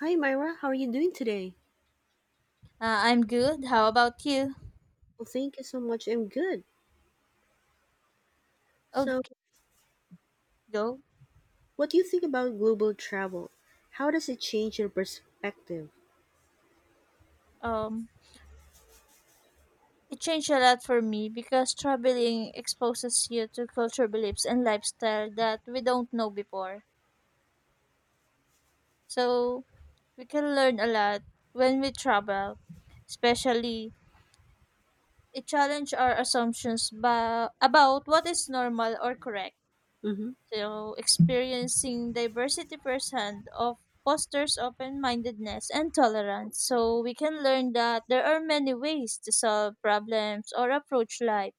Hi, Myra. How are you doing today? I'm good. How about you? Well, thank you so much. I'm good. So, Okay, go. what do you think about global travel? How does it change your perspective? Um, it changed a lot for me because traveling exposes you to culture beliefs and lifestyle that we don't know before. So we can learn a lot when we travel, especially it challenge our assumptions about what is normal or correct. Mm-hmm. So experiencing diversity firsthand of fosters open-mindedness and tolerance. So we can learn that there are many ways to solve problems or approach life.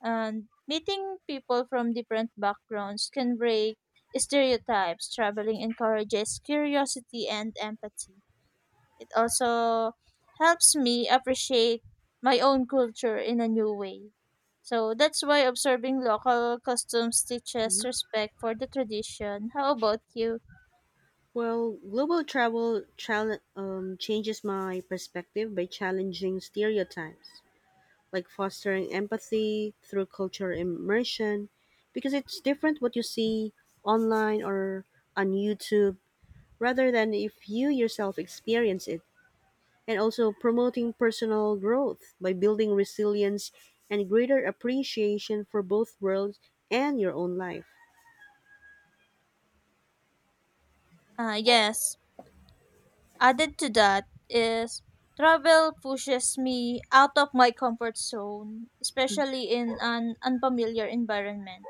And meeting people from different backgrounds can break stereotypes. Traveling encourages curiosity and empathy. It also helps me appreciate my own culture in a new way. So that's why observing local customs teaches Hmm. respect for the tradition. How about you? Well, global travel changes my perspective by challenging stereotypes, like fostering empathy through cultural immersion, because it's different what you see online or on YouTube rather than if you yourself experience it. And also promoting personal growth by building resilience and greater appreciation for both worlds and your own life. Ah, yes. Added to that is travel pushes me out of my comfort zone, especially in an unfamiliar environment.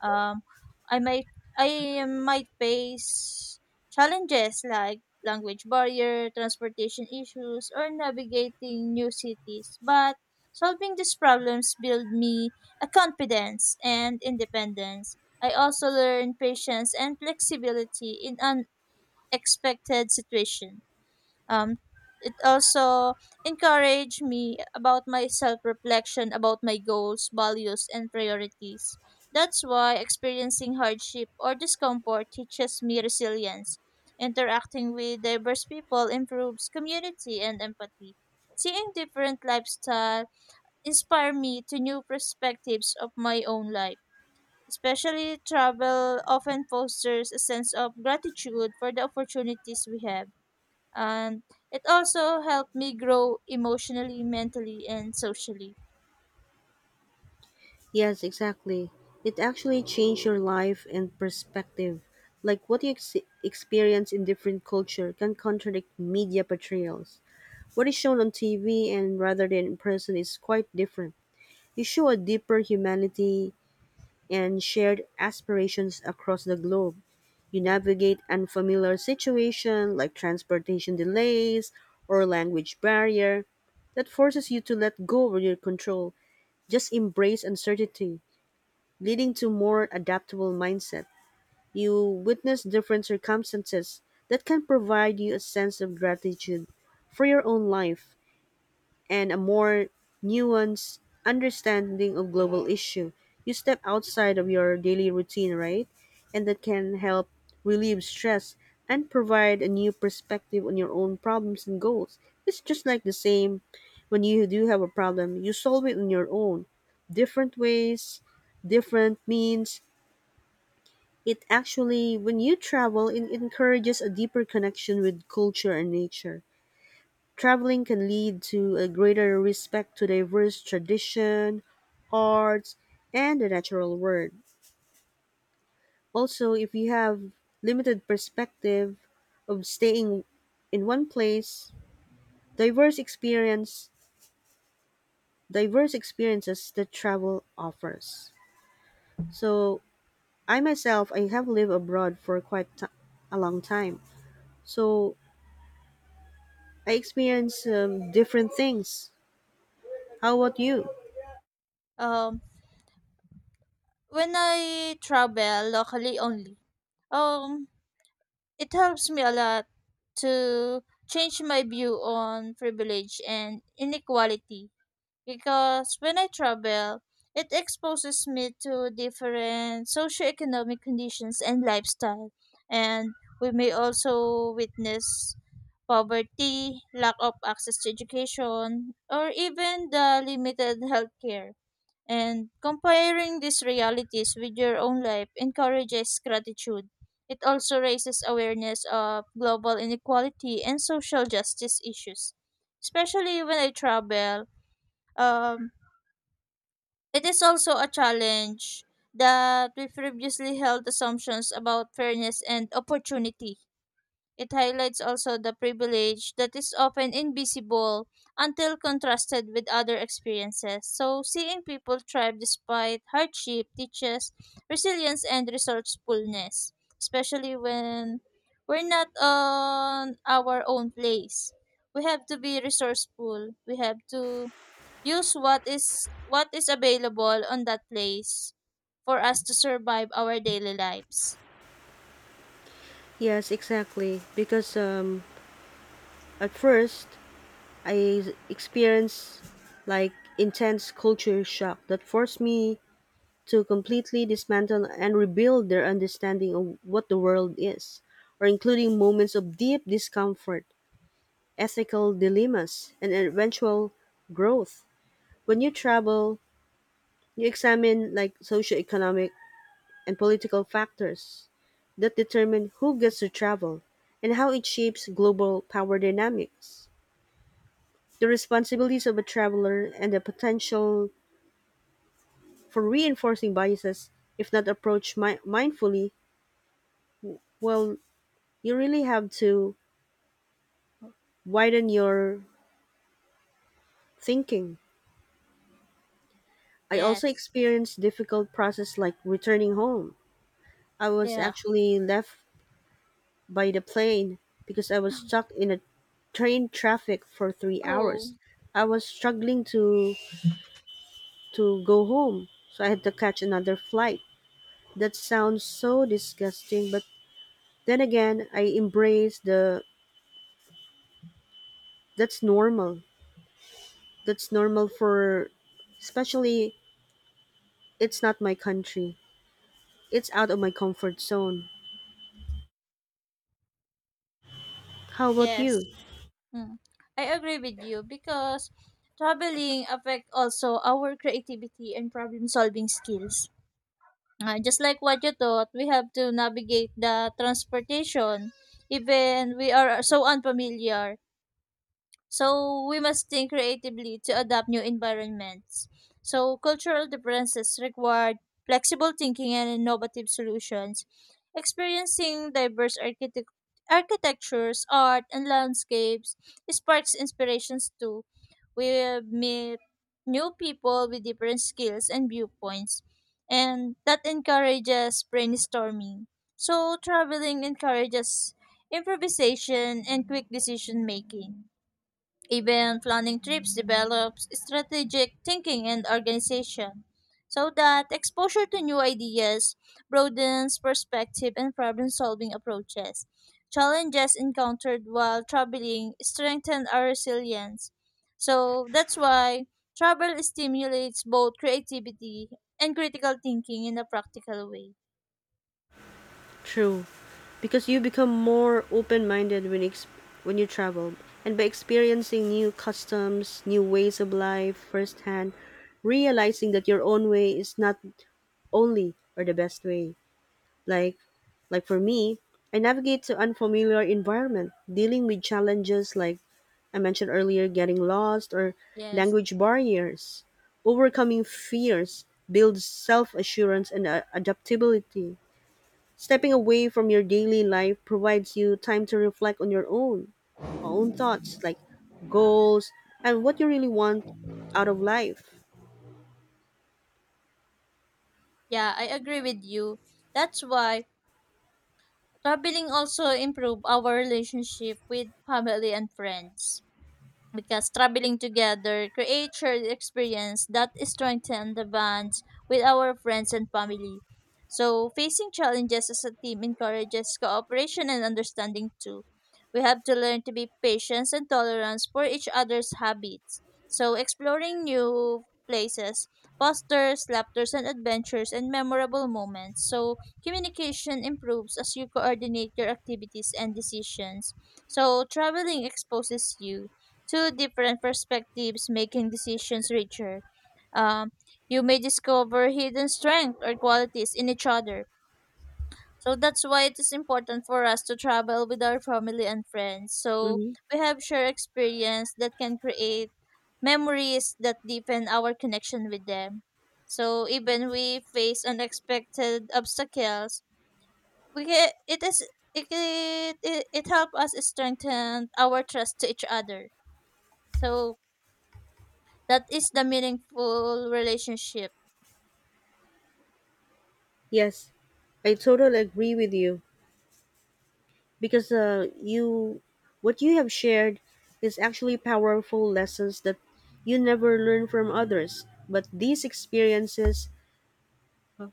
Um, I might I might face challenges like language barrier, transportation issues, or navigating new cities. But solving these problems build me a confidence and independence. I also learn patience and flexibility in unexpected situation. Um, it also encouraged me about my self reflection about my goals, values, and priorities. That's why experiencing hardship or discomfort teaches me resilience. Interacting with diverse people improves community and empathy. Seeing different lifestyle inspire me to new perspectives of my own life. Especially travel often fosters a sense of gratitude for the opportunities we have, and it also helped me grow emotionally, mentally, and socially. Yes, exactly. It actually changed your life and perspective. Like what you experience in different culture can contradict media portrayals. What is shown on TV and rather than in person is quite different. You show a deeper humanity and shared aspirations across the globe. You navigate unfamiliar situations like transportation delays or language barrier that forces you to let go of your control. Just embrace uncertainty, leading to more adaptable mindset. You witness different circumstances that can provide you a sense of gratitude for your own life and a more nuanced understanding of global issue. You step outside of your daily routine, right? And that can help relieve stress and provide a new perspective on your own problems and goals. It's just like the same when you do have a problem, you solve it on your own. Different ways, different means. It actually, when you travel, it encourages a deeper connection with culture and nature. Traveling can lead to a greater respect to diverse tradition, arts, and the natural world. Also, if you have limited perspective of staying in one place, diverse experience, diverse experiences that travel offers. So, I myself, I have lived abroad for a long time. So, I experience different things. How about you? Um, when I travel locally only, um, it helps me a lot to change my view on privilege and inequality because when I travel, it exposes me to different socioeconomic conditions and lifestyle. And we may also witness poverty, lack of access to education, or even the limited healthcare. And comparing these realities with your own life encourages gratitude. It also raises awareness of global inequality and social justice issues. Especially when I travel, um, it is also a challenge that we previously held assumptions about fairness and opportunity. It highlights also the privilege that is often invisible until contrasted with other experiences. So, seeing people thrive despite hardship teaches resilience and resourcefulness, especially when we're not on our own place. We have to be resourceful. We have to use what is available on that place for us to survive our daily lives. Yes, exactly. Because at first, I experienced like intense culture shock that forced me to completely dismantle and rebuild their understanding of what the world is, or including moments of deep discomfort, ethical dilemmas, and eventual growth. When you travel, you examine like socioeconomic and political factors that determine who gets to travel and how it shapes global power dynamics. The responsibilities of a traveler and the potential for reinforcing biases, if not approached mindfully, well, you really have to widen your thinking. I also Yes. experienced difficult process like returning home. I was Yeah. actually left by the plane because I was stuck in a train traffic for 3 Oh. hours. I was struggling to go home, so I had to catch another flight. That sounds so disgusting, but then again, I embrace the that's normal. That's normal for, especially, it's not my country. It's out of my comfort zone. How about you? Yes. Mm. I agree with you because traveling affect also our creativity and problem solving skills. Just like what you taught, we have to navigate the transportation even we are so unfamiliar. So we must think creatively to adapt new environments. So cultural differences require flexible thinking and innovative solutions. Experiencing diverse architectures, art, and landscapes sparks inspirations too. We meet new people with different skills and viewpoints, and that encourages brainstorming. So traveling encourages improvisation and quick decision making. Even planning trips develops strategic thinking and organization, so that exposure to new ideas broadens perspective and problem solving approaches. Challenges encountered while traveling strengthen our resilience. So that's why travel stimulates both creativity and critical thinking in a practical way. True. Because you become more open-minded when when you travel and by experiencing new customs, new ways of life firsthand, realizing that your own way is not only or the best way. Like like for me, I navigate to unfamiliar environment, dealing with challenges like I mentioned earlier, getting lost or Yes. language barriers. Overcoming fears builds self-assurance and adaptability. Stepping away from your daily life provides you time to reflect on your own own thoughts, like goals and what you really want out of life. Yeah, I agree with you. That's why traveling also improve our relationship with family and friends, because traveling together creates shared experience that strengthen the bonds with our friends and family. So facing challenges as a team encourages cooperation and understanding too. We have to learn to be patient and tolerance for each other's habits. So exploring new places fosters laughters and adventures and memorable moments. So communication improves as you coordinate your activities and decisions. So traveling exposes you two different perspectives making decisions richer. Um, you may discover hidden strengths or qualities in each other. So that's why it is important for us to travel with our family and friends. So Hmm. we have shared experience that can create memories that deepen our connection with them. So even we face unexpected obstacles, we ca it is it it, it helps us strengthen our trust to each other. So that is the meaningful relationship. Yes, I totally agree with you. Because you, what you have shared is actually powerful lessons that you never learn from others, but these experiences, uh,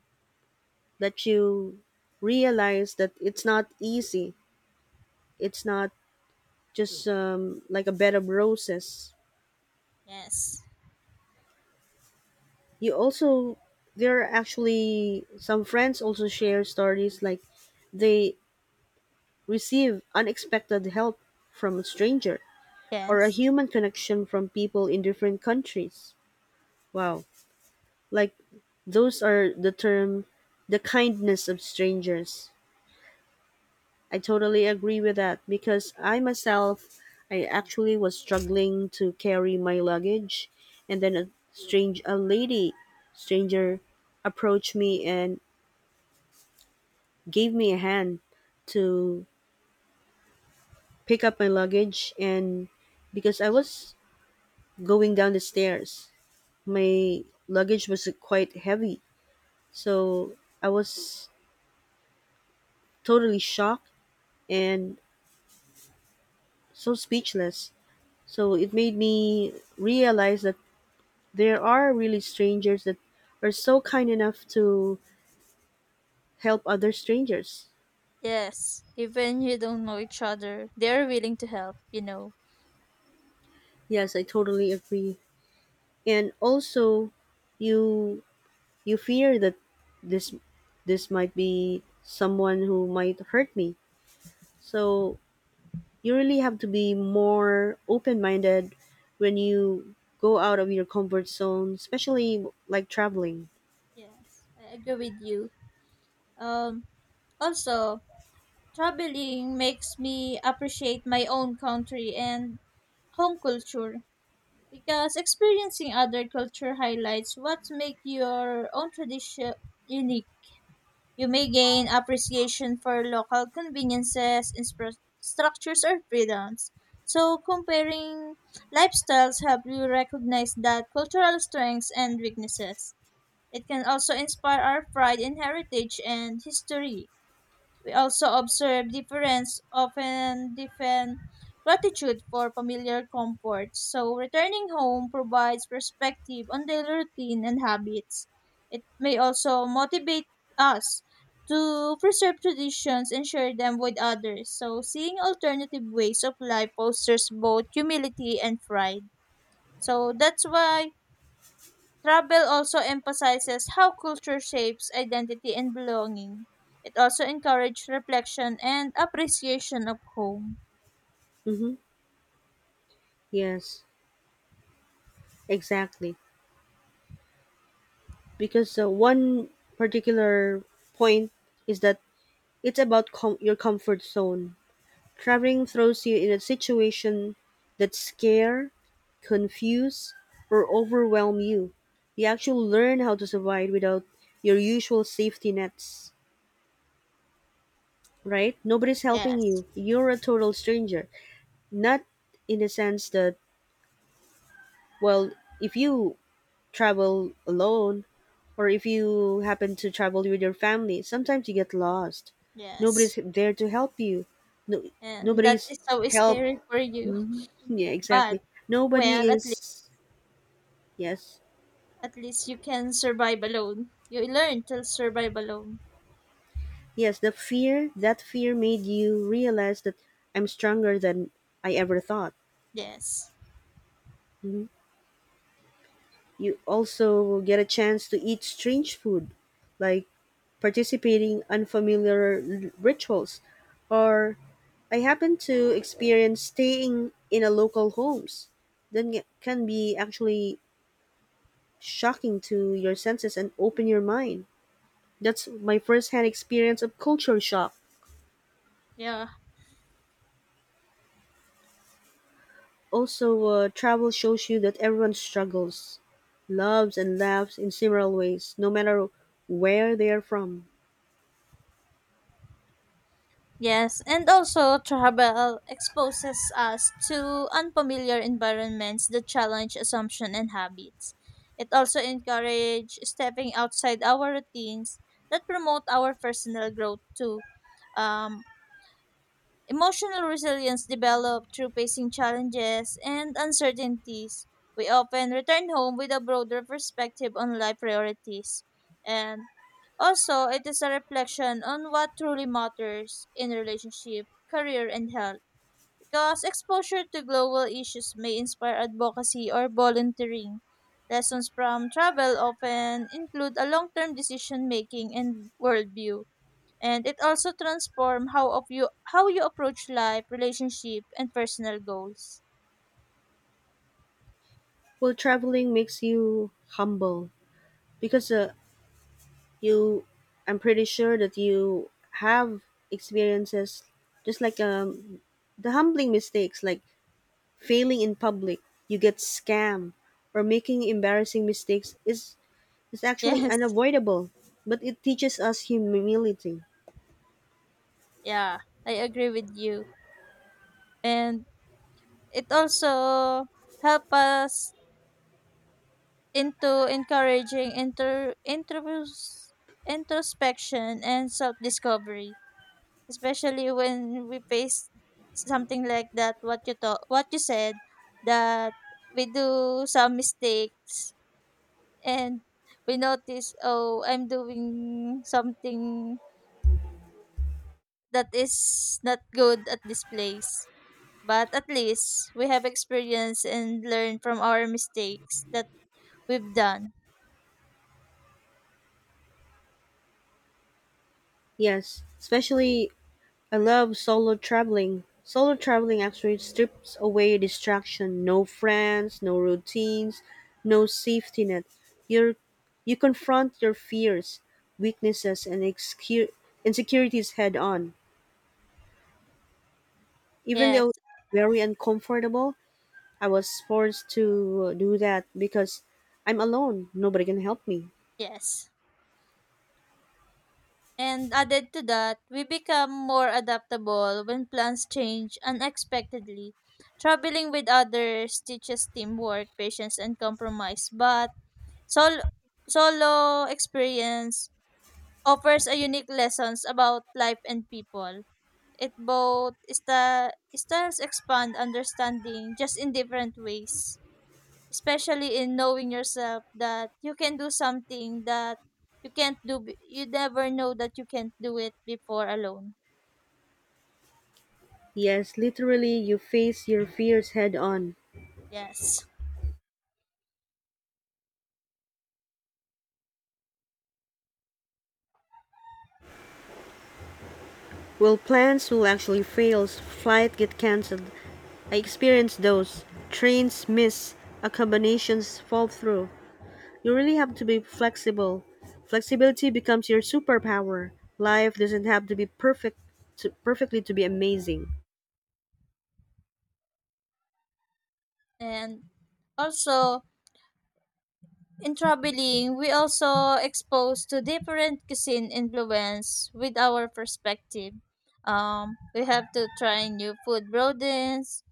that you realize that it's not easy, it's not just like a bed of roses. Yes. You also, there are actually some friends also share stories like they receive unexpected help from a stranger or a Yes. human connection from people in different countries. Wow. Like those are the term, the kindness of strangers. I totally agree with that because I myself, I actually was struggling to carry my luggage, and then a lady stranger approached me and gave me a hand to pick up my luggage. And because I was going down the stairs, my luggage was quite heavy, so I was totally shocked and so speechless. So it made me realize that there are really strangers that are so kind enough to help other strangers. Yes. Even you don't know each other, they're willing to help, you know. Yes, I totally agree. And also you you fear that this this might be someone who might hurt me. So you really have to be more open-minded when you go out of your comfort zone, especially like traveling. Yes, I agree with you. Um also, traveling makes me appreciate my own country and home culture because experiencing other culture highlights what make your own tradition unique. You may gain appreciation for local conveniences, structures, or freedoms. So, comparing lifestyles helps you recognize that cultural strengths and weaknesses. It can also inspire our pride in heritage and history. We also observe difference, often different gratitude for familiar comforts. So returning home provides perspective on daily routine and habits. It may also motivate us to preserve traditions and share them with others. So seeing alternative ways of life fosters both humility and pride. So that's why travel also emphasizes how culture shapes identity and belonging. It also encourages reflection and appreciation of home. Mhm. Yes, exactly. Because one particular point is that it's about your comfort zone. Traveling throws you in a situation that scare, confuse, or overwhelm you. You actually learn how to survive without your usual safety nets, right? Nobody's helping Yes, you. You're a total stranger. Not in the sense that, well, if you travel alone, or if you happen to travel with your family, sometimes you get lost. yes. Nobody's there to help you. No, And that nobody's is so help. scary for you. Mhm. Yeah, But exactly. Nobody well, is. Yes. at least you can survive alone. You learn to survive alone. Yes, the fear, that fear made you realize that I'm stronger than I ever thought. Yes. Mhm. You also get a chance to eat strange food, like participating unfamiliar rituals or I happen to experience staying in a local homes. That can be actually shocking to your senses and open your mind. That's my first-hand experience of culture shock. Yeah. Also, travel shows you that everyone struggles, loves, and laughs in similar ways, no matter where they are from. Yes, and also travel exposes us to unfamiliar environments that challenge assumption and habits. It also encourages stepping outside our routines that promote our personal growth too. Um, Emotional resilience developed through facing challenges and uncertainties. We often return home with a broader perspective on life priorities. And also, it is a reflection on what truly matters in relationship, career, and health. Because exposure to global issues may inspire advocacy or volunteering. Lessons from travel often include a long term decision making and worldview, and it also transform how you approach life, relationship, and personal goals. Well, traveling makes you humble because you, I'm pretty sure that you have experiences just like the humbling mistakes like failing in public, you get scammed, or making embarrassing mistakes is actually Yes, unavoidable, but it teaches us humility. yeah, I agree with you. And it also help us into encouraging inter intros introspection and self discovery, especially when we face something like that. What you thought, what you said, that we do some mistakes and we notice, oh, I'm doing something that is not good at this place, but at least we have experience and learn from our mistakes that we've done. Yes, especially I love solo traveling. Solo traveling actually strips away distraction. No friends, no routines, no safety net. You're, you confront your fears, weaknesses, and insecurities head on. Even Yes. though very uncomfortable, I was forced to do that because I'm alone. Nobody can help me. Yes, and added to that we become more adaptable when plans change unexpectedly. Traveling with others teaches teamwork patience and compromise, but sol- solo experience offers a unique lessons about life and people. It both styles expand understanding just in different ways, especially in knowing yourself that you can do something that you can't do. You never know that you can't do it before alone. Yes, literally, you face your fears head on. Yes, Well, plans will actually fail, flight get cancelled. I experienced those. Trains miss, accommodations fall through. You really have to be flexible. Flexibility becomes your superpower. Life doesn't have to be perfect to, perfectly to be amazing. and also in traveling, we also exposed to different cuisine influence with our perspective. We have to try new food broadens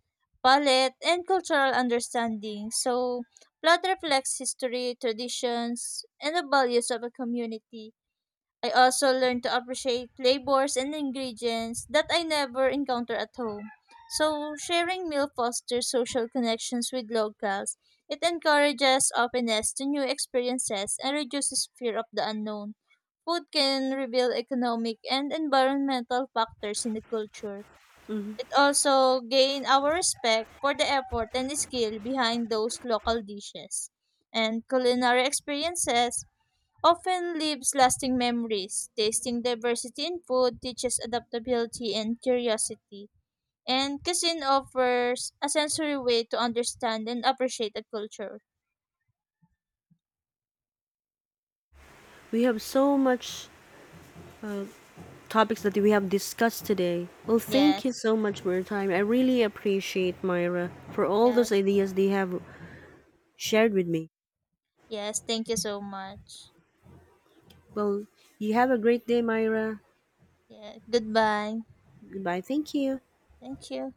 palate and cultural understanding. So, blood reflects history, traditions, and the values of a community. I also learned to appreciate flavors and ingredients that I never encounter at home. So, sharing meal fosters social connections with locals. It encourages openness to new experiences and reduces fear of the unknown. Food can reveal economic and environmental factors in the culture. Mhm. It also gains our respect for the effort and skill behind those local dishes. And culinary experiences often leaves lasting memories. Tasting diversity in food teaches adaptability and curiosity, and cuisine offers a sensory way to understand and appreciate a culture. We have so much topics that we have discussed today. Well, thank you Yes, so much for your time. I really appreciate Myra for all yeah, those ideas they have shared with me. yes, thank you so much. Well, you have a great day, Myra. Yeah, goodbye. Goodbye. Thank you. Thank you.